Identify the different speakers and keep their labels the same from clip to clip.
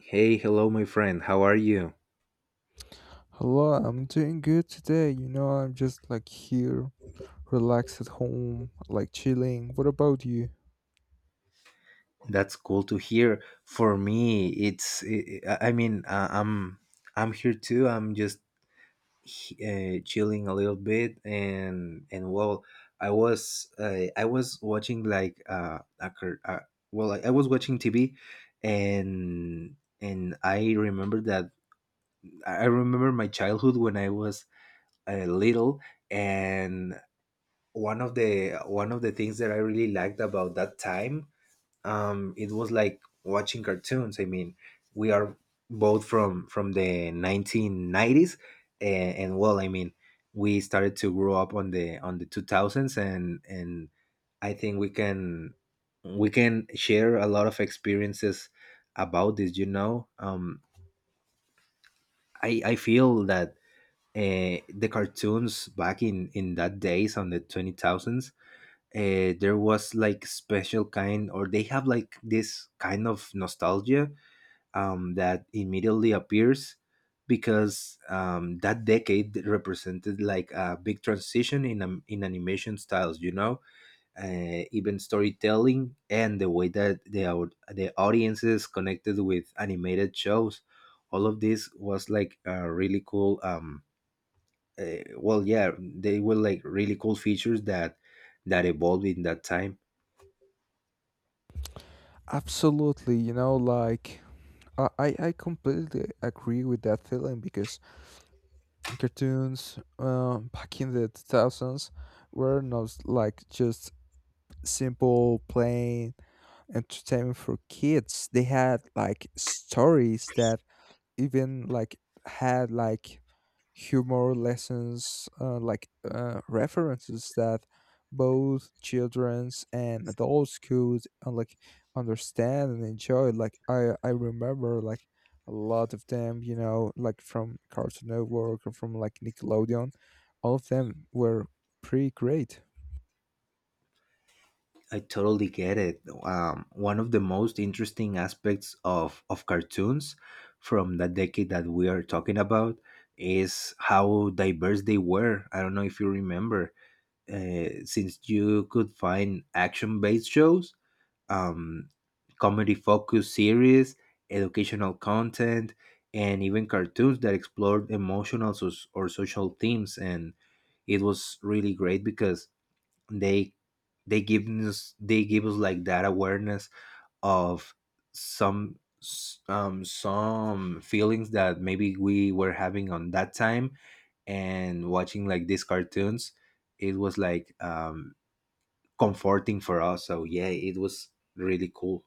Speaker 1: Hey, hello, my friend. How are you?
Speaker 2: Hello, I'm doing good today. You know, I'm just like here, relaxed at home, like chilling. What about you?
Speaker 1: That's cool to hear. For me, it's. I mean, I'm here too. I'm just chilling a little bit, and well, I was watching like well, I was watching TV, and I remember that I remember my childhood when I was little, and one of the things that I really liked about that time it was like watching cartoons. I mean, we are both from the 1990s, and well, I mean, we started to grow up on the 2000s, and I think we can share a lot of experiences about this. I feel that the cartoons back in that days on the 20 thousands, there was like special kind or they have like this kind of nostalgia that immediately appears, because that decade represented like a big transition in animation styles. Even storytelling and the way that the audiences connected with animated shows, all of this was like a really cool, yeah, they were like really cool features that evolved in that time.
Speaker 2: Absolutely, you know, like I completely agree with that feeling because cartoons back in the 2000s were not like just simple, plain entertainment for kids. They had like stories that even like had like humor lessons like references that both children's and adults could like understand and enjoy like I remember like a lot of them, you know, like from Cartoon Network or from like Nickelodeon. All of them were pretty great.
Speaker 1: I totally get it. One of the most interesting aspects of cartoons from that decade that we are talking about is how diverse they were. I don't know if you remember. Since you could find action based shows, um, comedy focused series, educational content, and even cartoons that explored emotional or social themes. And it was really great because they they give us like that awareness of some feelings that maybe we were having on that time, and watching like these cartoons it was like comforting for us, so yeah, it was really cool.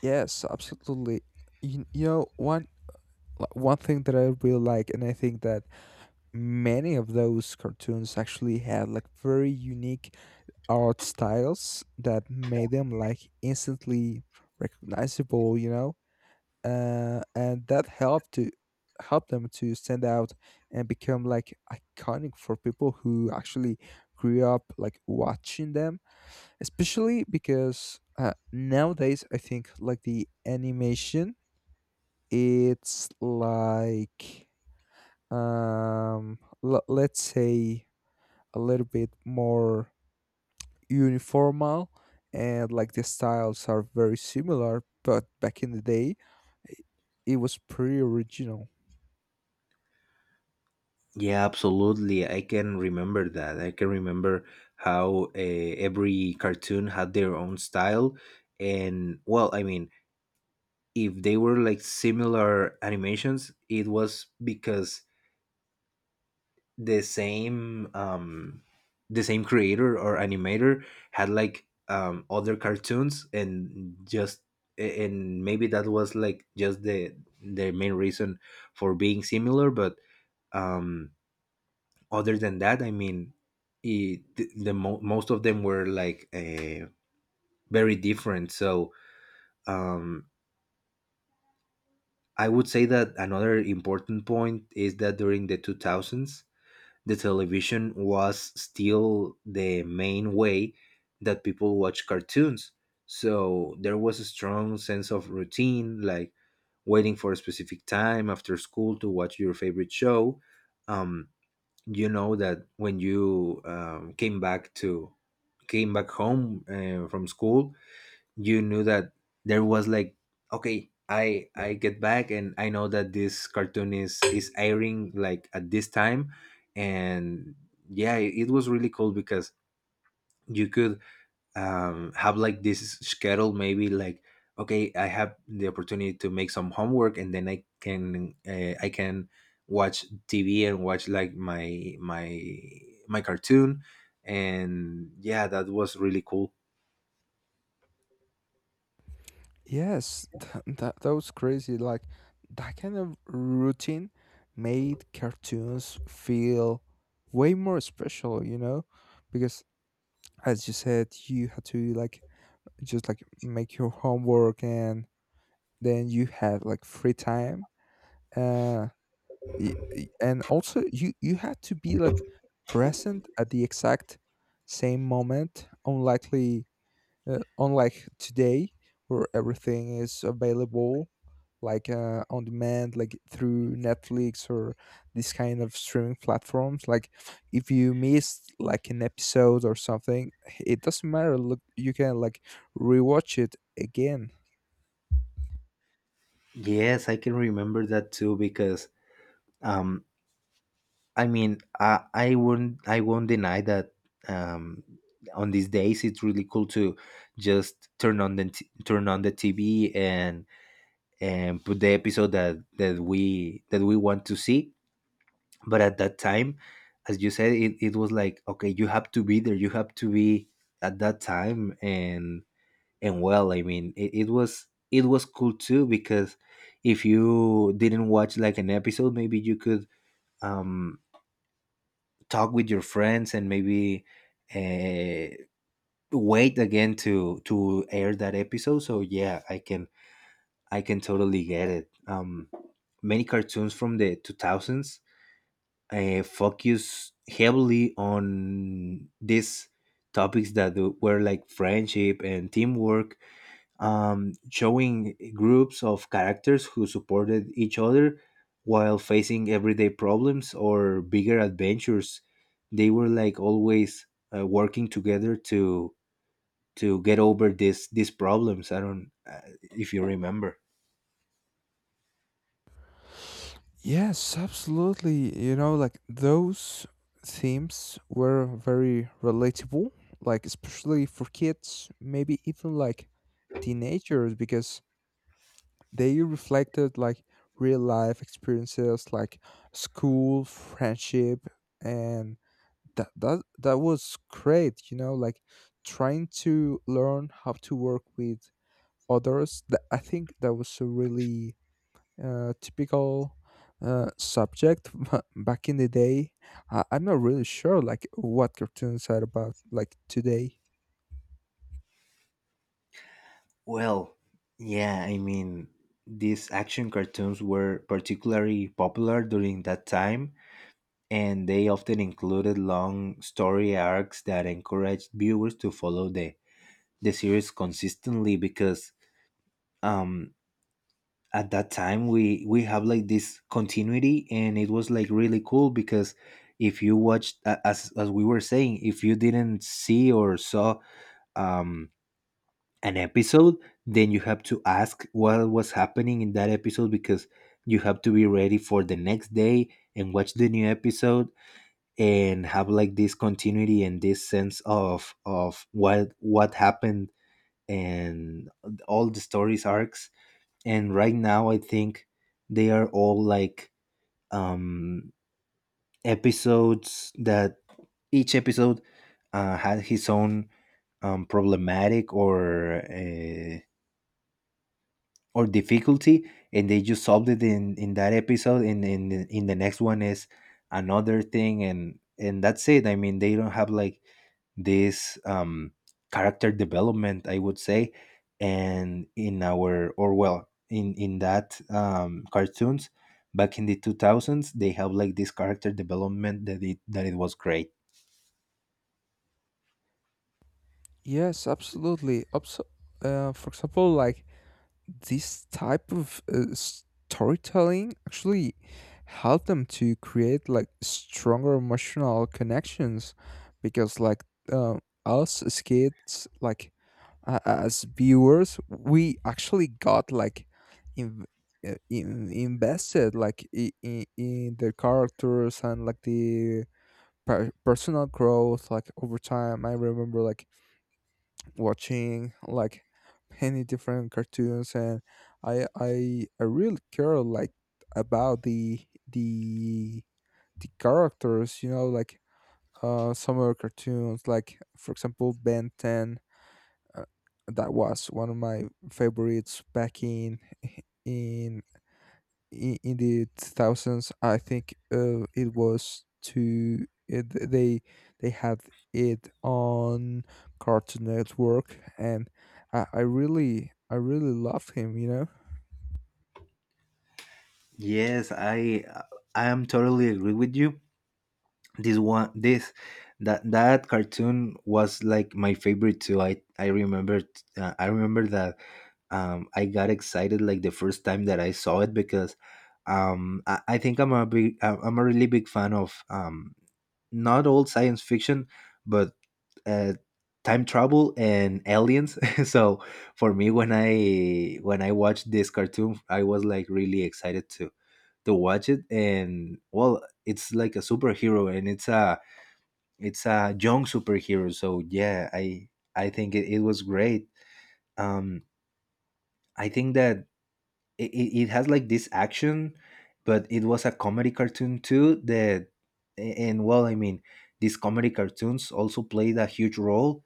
Speaker 2: Yes, absolutely. You know, one thing that I really like, and I think that many of those cartoons actually had like very unique art styles that made them like instantly recognizable, you know. And that helped to help them to stand out and become like iconic for people who actually grew up like watching them, especially because nowadays I think like the animation, it's like let's say a little bit more uniformal, and like the styles are very similar. But back in the day, i- it was pretty original.
Speaker 1: Yeah, absolutely. I can remember how every cartoon had their own style. And, well, I mean, if they were like similar animations, it was because the same um, the same creator or animator had like other cartoons and just, and maybe that was like just the main reason for being similar. But um, other than that, I mean, it, the mo- most of them were like very different. So, um, I would say that another important point is that during the 2000s, the television was still the main way that people watch cartoons. So there was a strong sense of routine, like waiting for a specific time after school to watch your favorite show. Um, you know that when you came back home from school, you knew that there was like, okay, I get back and I know that this cartoon is airing like at this time, and yeah, it was really cool because you could have like this schedule, maybe like, okay, I have the opportunity to make some homework, and then I can watch TV and watch like my cartoon, and yeah, that was really cool.
Speaker 2: Yes, that was crazy. Like that kind of routine made cartoons feel way more special, you know, because as you said, you had to like just like make your homework, and then you have like free time. uh and also, you had to be like present at the exact same moment, unlikely unlike today, where everything is available like on demand, like through Netflix or this kind of streaming platforms. Like if you missed like an episode or something, it doesn't matter. Look, you can like rewatch it again.
Speaker 1: Yes, I can remember that too, because Um, I mean, I won't deny that, um, on these days it's really cool to just turn on turn on the TV and put the episode that we want to see. But at that time, as you said, it was like, okay, you have to be there. You have to be at that time, and well, I mean, it was cool too because if you didn't watch like an episode, maybe you could um talk with your friends and maybe uh, wait again to air that episode. So yeah, I can totally get it. Many cartoons from the 2000s focus heavily on these topics that were like friendship and teamwork, showing groups of characters who supported each other while facing everyday problems or bigger adventures. They were like always working together to get over this these problems. I don't If you remember.
Speaker 2: Yes, absolutely. You know, like those themes were very relatable, like especially for kids, maybe even like teenagers, because they reflected like real life experiences like school, friendship, and that was great, you know, like trying to learn how to work with others. That, I think that was a really typical subject But back in the day. I'm not really sure like what cartoons are about like today.
Speaker 1: Well, yeah, I mean, these action cartoons were particularly popular during that time, and they often included long story arcs that encouraged viewers to follow the series consistently, because um at that time we have like this continuity, and it was like really cool because if you as we were saying, if you didn't see or saw um an episode, then you have to ask what was happening in that episode, because you have to be ready for the next day and watch the new episode and have like this continuity and this sense of what happened and all the stories arcs. And right now I think they are all like um episodes that each episode had his own problematic or difficulty, and they just solved it in that episode, and in the next one is another thing, and that's it. I mean, they don't have like this character development, I would say, and in our or well, in that cartoons back in the 2000s, they have like this character development that it was great.
Speaker 2: Yes, absolutely. For example, like this type of storytelling actually help them to create like stronger emotional connections, because like uh, us as kids, like as viewers, we actually got like in, invested like in their characters, and like the personal growth like over time. I remember like watching like many different cartoons, and I really care like about the the characters, you know, like some of cartoons like, for example, Ben 10. uh, that was one of my favorites back in in in the 2000s. I think it was to it, they had it on Cartoon Network, and I really, I really loved him, you know.
Speaker 1: Yes, I am totally agree with you. This one, this that cartoon was like my favorite too. I remember that I got excited like the first time that I saw it, because I think I'm a really big fan of not old science fiction, but uh, time travel and aliens. So for me, when I watched this cartoon, I was like really excited to watch it. And well, it's like a superhero, and it's a young superhero. So yeah, I think it was great. Um, I think that it has like this action, but it was a comedy cartoon too. That and Well, I mean, these comedy cartoons also played a huge role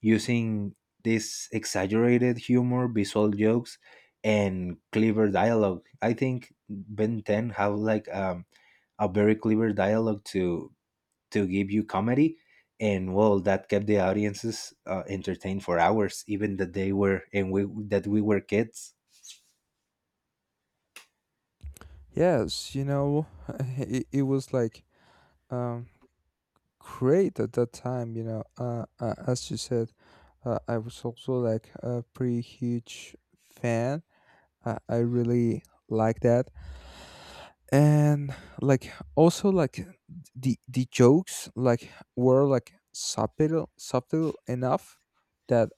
Speaker 1: using this exaggerated humor, visual jokes, and clever dialogue. I think Ben 10 have like a very clever dialogue to give you comedy, and well, that kept the audiences entertained for hours, even that they were and we that we were kids.
Speaker 2: Yes, you know it was like um great at that time, you know. As you said, I was also like a pretty huge fan. I really like that. And like, also, like the jokes like were like subtle enough that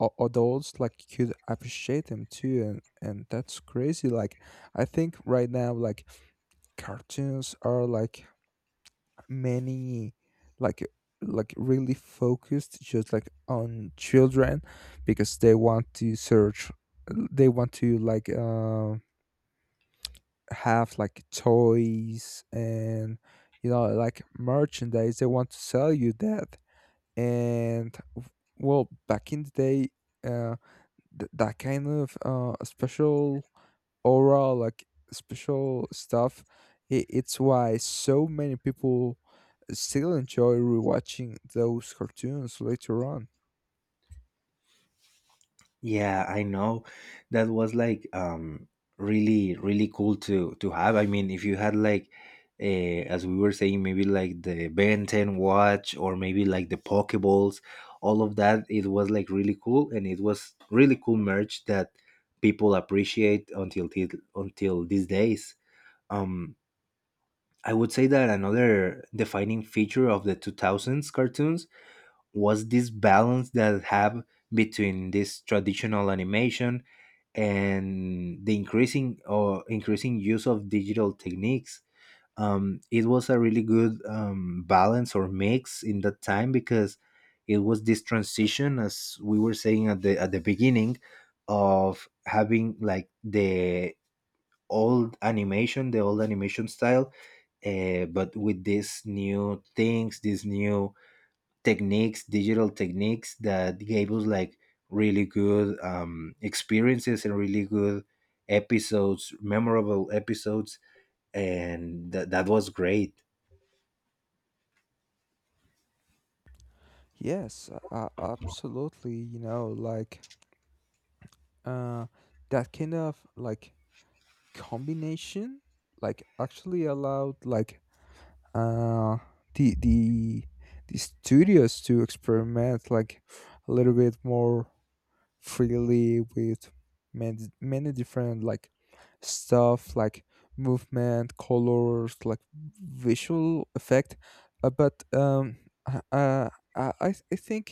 Speaker 2: adults like could appreciate them too. And that's crazy. Like I think right now, like cartoons are like many like like really focused just like on children, because they want to search, they want to like have like toys, and, you know, like merchandise they want to sell you that. and w- well, back in the day, uh that kind of special aura, like special stuff, I it's why so many people still enjoy rewatching those cartoons later on.
Speaker 1: Yeah, I know. That was like really, really cool to have. I mean, if you had like, as we were saying, maybe like the Ben 10 watch or maybe like the Pokeballs, all of that, it was like really cool, and it was really cool merch that people appreciate until these days. Um I would say that another defining feature of the 2000s cartoons was this balance that have between this traditional animation and the increasing use of digital techniques. It was a really good balance or mix in that time, because it was this transition, as we were saying at the beginning, of having like the old animation style, but with these new things, these new techniques, digital techniques that gave us like really good experiences and really good episodes, memorable episodes, and that was great.
Speaker 2: Yes, absolutely. You know, like uh that kind of like combination like actually allowed like uh the the the studios to experiment like a little bit more freely with many, many different like stuff, like movement, colors, like visual effect. But uh, uh, I think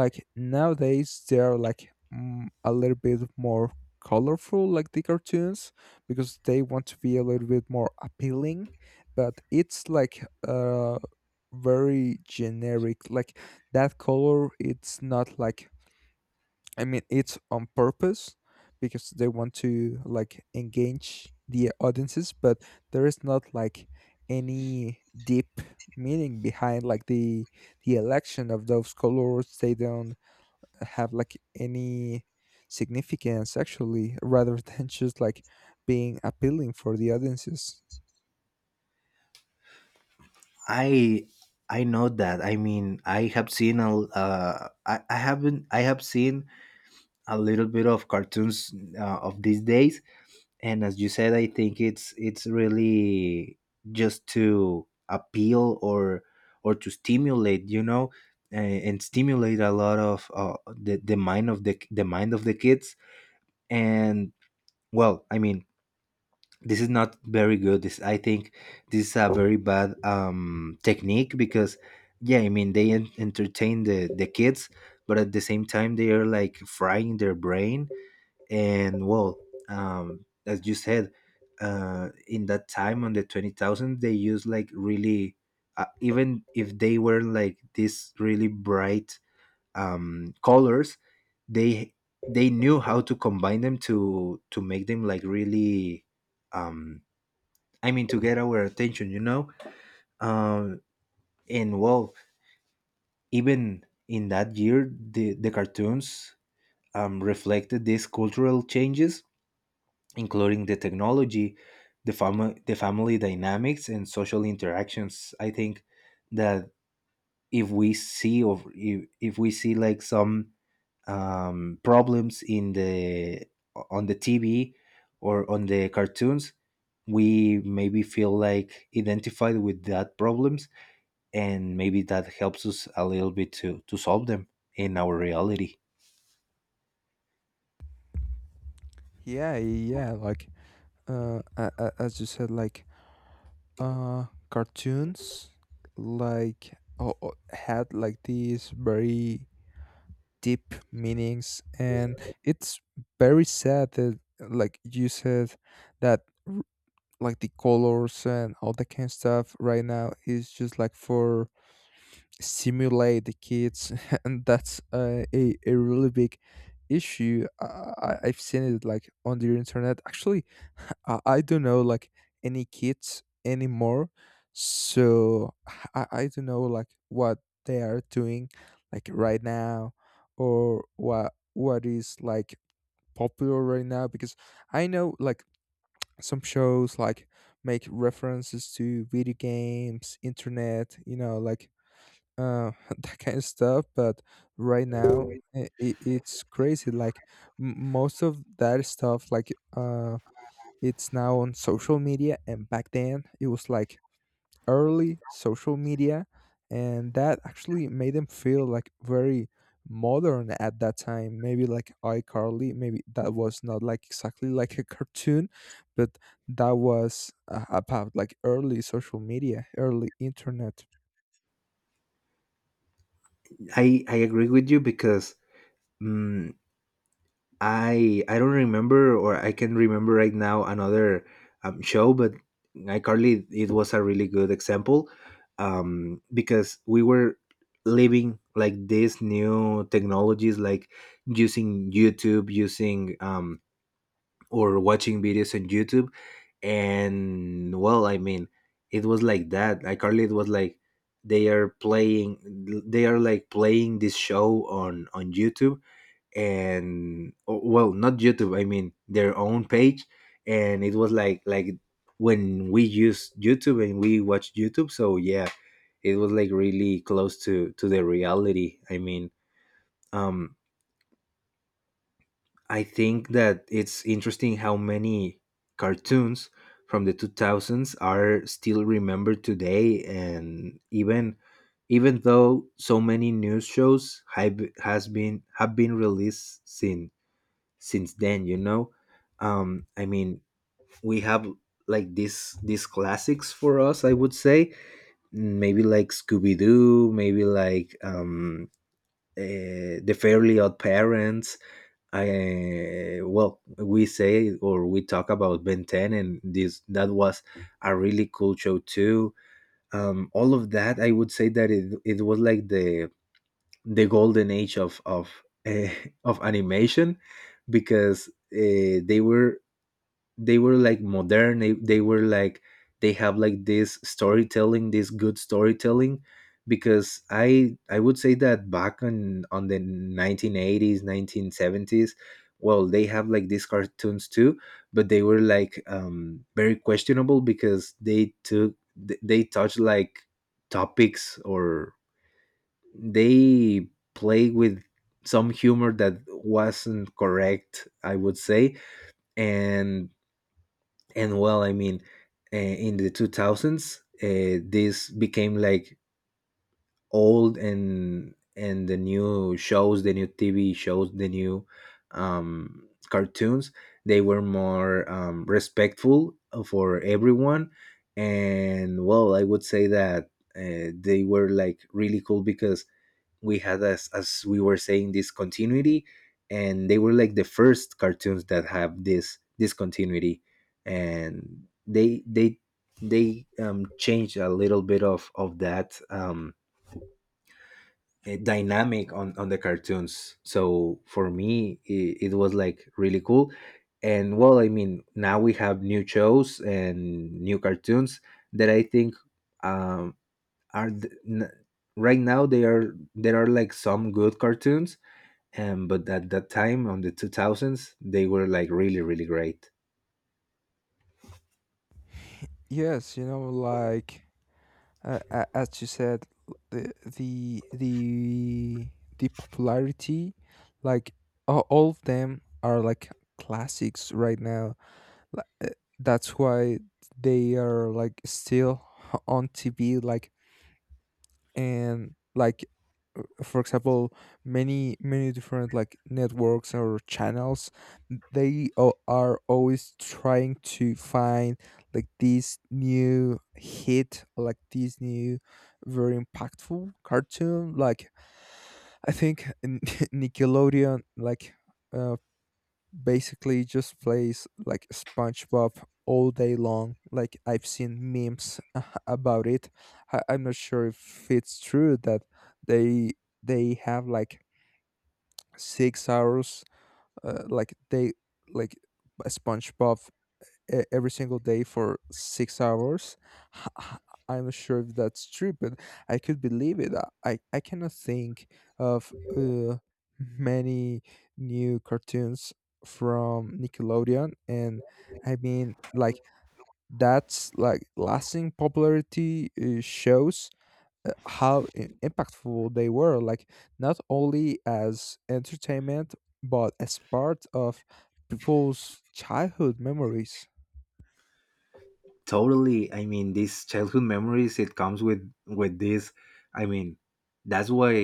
Speaker 2: like nowadays they're like a little bit more colorful, like the cartoons, because they want to be a little bit more appealing. But it's like very generic. Like that color, it's not like, I mean, it's on purpose because they want to like engage the audiences, but there is not like any deep meaning behind like the election of those colors. They don't have like any significance actually, rather than just like being appealing for the audiences.
Speaker 1: I I know that. I mean, I haven't I have seen a little bit of cartoons of these days, and as you said, I think it's really just to appeal or to stimulate. And stimulate a lot of the mind of the mind of the kids. And well, I mean, this is not very good this I think This is a very bad technique, because yeah, I mean, they entertain the kids, but at the same time they are like frying their brain. And well, as you said, in that time, on the 20,000, they used like really, even if they were like these really bright colors, they they knew how to combine them to make them like really, um I mean, to get our attention um and well, even in that year, the cartoons reflected these cultural changes, including the technology, the family dynamics, and social interactions. I think that if we see like some problems in the on the TV or on the cartoons, we maybe feel like identified with that problems, and maybe that helps us a little bit to solve them in our reality.
Speaker 2: Yeah, yeah, yeah, like as you said, like cartoons like had like these very deep meanings. And it's very sad that like, you said that r- like the colors and all that kind of stuff right now is just like for simulate the kids and that's a really big issue. I've seen it like on the internet actually. I don't know like any kids anymore. So I don't know like what they are doing like right now, or what is like popular right now, because I know like some shows like make references to video games, internet, you know, like uh that kind of stuff. But right now it's crazy. Like most of that stuff like it's now on social media, and back then it was like early social media, and that actually made them feel like very modern at that time. Maybe like iCarly, maybe that was not like exactly like a cartoon, but that was about like early social media, early internet.
Speaker 1: I agree with you because. mm I don't remember, or I can remember right now another show. But iCarly, it was a really good example, because we were living like these new technologies, like using YouTube, using or watching videos on YouTube. And well, I mean, it was like that. iCarly, it was like they are playing, they are like playing this show on YouTube. And oh, well, not YouTube, I mean their own page, and it was like when we used YouTube and we watched YouTube. So yeah, it was like really close to the reality, I mean. um I think that it's interesting how many cartoons from the 2000s are still remembered today, and even even though so many news shows have been released since then. I mean, we have like these classics for us, I would say. Maybe like Scooby-Doo, maybe like The Fairly odd parents Well, we say, or we talk about Ben 10, and this, that was a really cool show too. All of that, I would say that it was like the golden age of uh, of animation, because they were like modern. They were like, they have like this storytelling, this good storytelling, because I would say that back on the 1980s, 1970s, well, they have like these cartoons too, but they were like very questionable, because they took they touch like topics, or they play with some humor that wasn't correct, I would say. and and well, I mean, in the 2000s, this became like old, and the new shows, the new TV shows, the new cartoons, they were more respectful for everyone. And well, I would say that they were like really cool, because we had, as we were saying, this continuity, and they were like the first cartoons that have this continuity. And they changed a little bit of that dynamic on the cartoons. So for me, it was like really cool. And well, I mean, now we have new shows and new cartoons that I think um are right now, they are, there are like some good cartoons, but at that time, on the 2000s, they were like really really great.
Speaker 2: Yes, you know, like as you said, the the the, the popularity, like all of them are like classics right now. Li- uh, that's why they are like still on TV. Like and like for example, many, many different like networks or channels, they are always trying to find like this new hit, like this new very impactful cartoon. Like I think Nickelodeon like uh, basically just plays like SpongeBob all day long. Like I've seen memes about it. I'm not sure if it's true that they they have like 6 hours. Like they like SpongeBob every single day for 6 hours I'm sure if that's true, but I could believe it. I I cannot think of many new cartoons from Nickelodeon. And I mean, like that's like lasting popularity. Shows how impactful they were, like not only as entertainment, but as part of people's childhood memories.
Speaker 1: Totally, I mean, these childhood memories, it comes with this, I mean, that's why,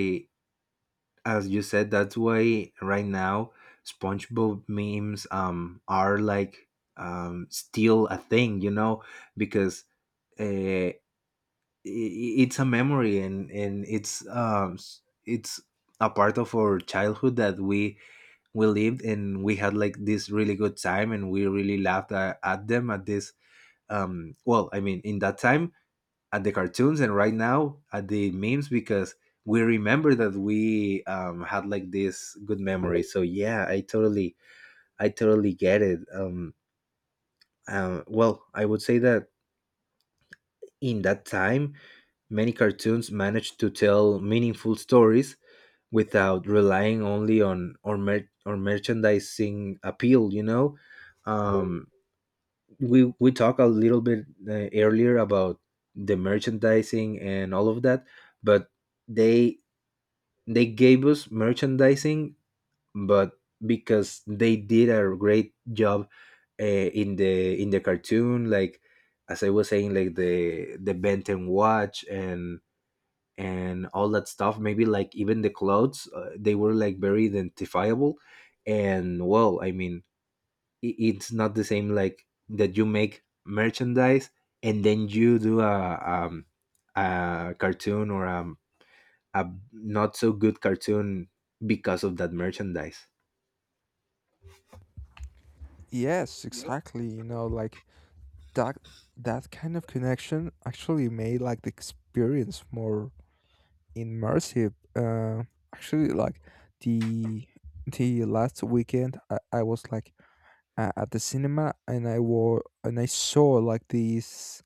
Speaker 1: as you said, that's why right now SpongeBob memes are like still a thing, you know, because uh, i- it's a memory, and it's it's a part of our childhood that we lived, and we had like this really good time, and we really laughed at them, at this, well, I mean, in that time at the cartoons, and right now at the memes, because we remember that we had like this good memory. So yeah, I totally, I totally get it. Well, I would say that in that time, many cartoons managed to tell meaningful stories without relying only on or or merchandising appeal, you know. um we talked a little bit earlier about the merchandising and all of that, but they they gave us merchandising, but because they did a great job in the cartoon, like, as I was saying, like the Benton watch, and all that stuff, maybe like even the clothes. They were like very identifiable. And well, I mean, I, it's not the same like that you make merchandise, and then you do a cartoon, or a not so good cartoon because of that merchandise.
Speaker 2: Yes, exactly. You know, like that that kind of connection actually made like the experience more immersive. Actually, like the the last weekend, I was like at the cinema, and I wore and I saw like this.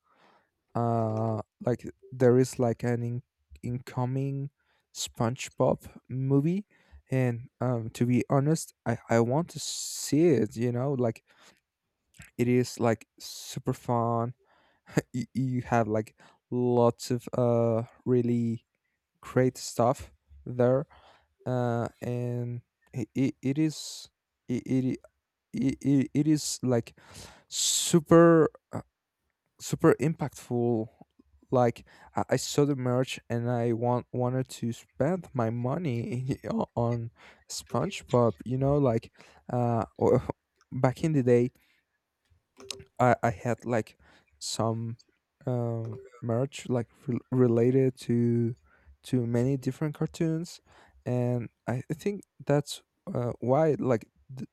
Speaker 2: Like there is like an incoming SpongeBob movie, and to be honest, I want to see it. You know, like it is like super fun. You have like lots of really great stuff there, and it is it, it it it is like super super impactful. Like I saw the merch and I wanted to spend my money on SpongeBob. You know, like uh, back in the day, I had like some merch like related to many different cartoons. And I think that's why like th-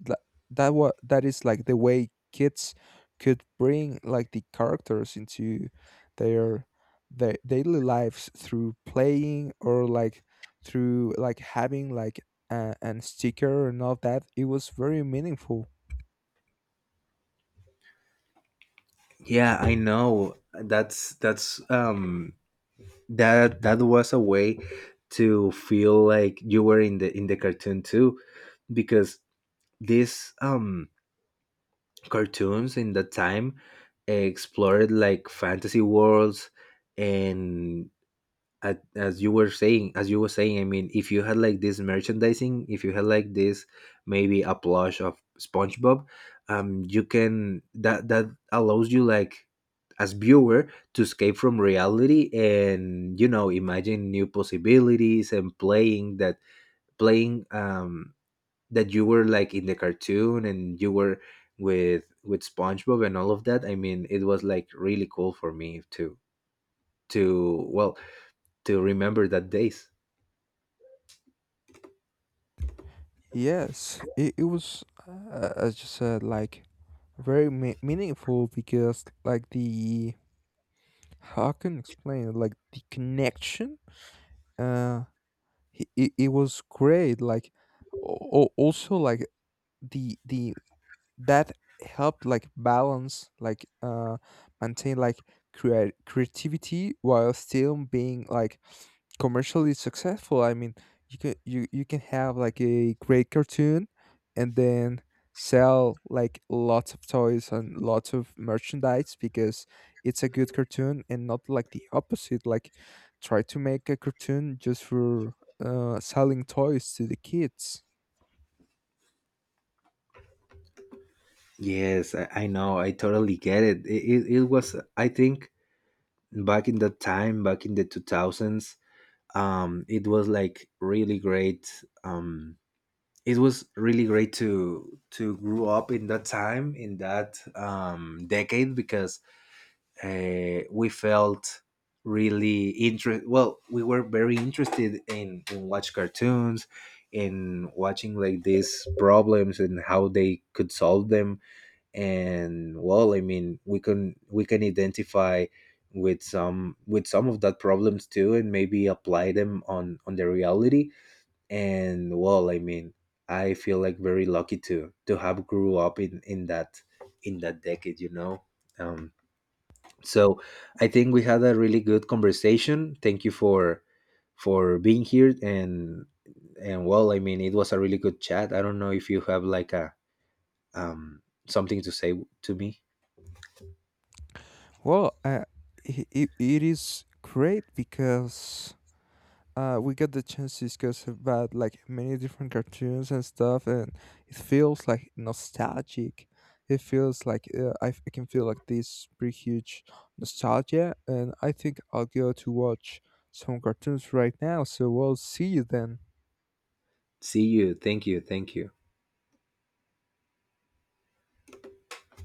Speaker 2: that that is like the way kids could bring like the characters into their their daily lives through playing or like through like having like an sticker and all that. It was very meaningful.
Speaker 1: Yeah, I know. That's that that was a way to feel like you were in the cartoon too, because this cartoons in that time explored like fantasy worlds. And as you were saying, as you were saying, I mean, if you had like this merchandising, if you had like this, maybe a plush of SpongeBob, you can, that that allows you, like, as viewer, to escape from reality, and, you know, imagine new possibilities, and playing that, playing that you were like in the cartoon, and you were with SpongeBob and all of that. I mean, it was like really cool for me to well, to remember that days.
Speaker 2: Yes, it was, as you said, like very meaningful because, like, the how can I explain it? Like, the connection, uh, it was great. Like, also, like, the, the, that helped, like, balance, like, maintain, like, creativity, while still being, like, commercially successful. I mean, you you can have like a great cartoon, and then sell like lots of toys and lots of merchandise, because it's a good cartoon, and not like the opposite, like try to make a cartoon just for selling toys to the kids.
Speaker 1: Yes, I know. I totally get it. It was, I think, back in that time, back in the 2000s, it was like really great. It was really great to grow up in that time, in that decade, because we felt really interested. Well, we were very interested in watch cartoons, in watching like these problems and how they could solve them. And well, I mean, we can, we can identify with some, with some of that problems too, and maybe apply them on the reality. And well, I mean, I feel like very lucky to have grew up in that, in that decade, you know. Um, so I think we had a really good conversation. Thank you for being here, and well, I mean, it was a really good chat. I don't know if you have like a something to say to me.
Speaker 2: Well, it is great because we got the chance to discuss about like many different cartoons and stuff, and it feels like nostalgic. It feels like I can feel like this pretty huge nostalgia, and I think I'll go to watch some cartoons right now. So we'll see you then.
Speaker 1: See you. Thank you, thank you.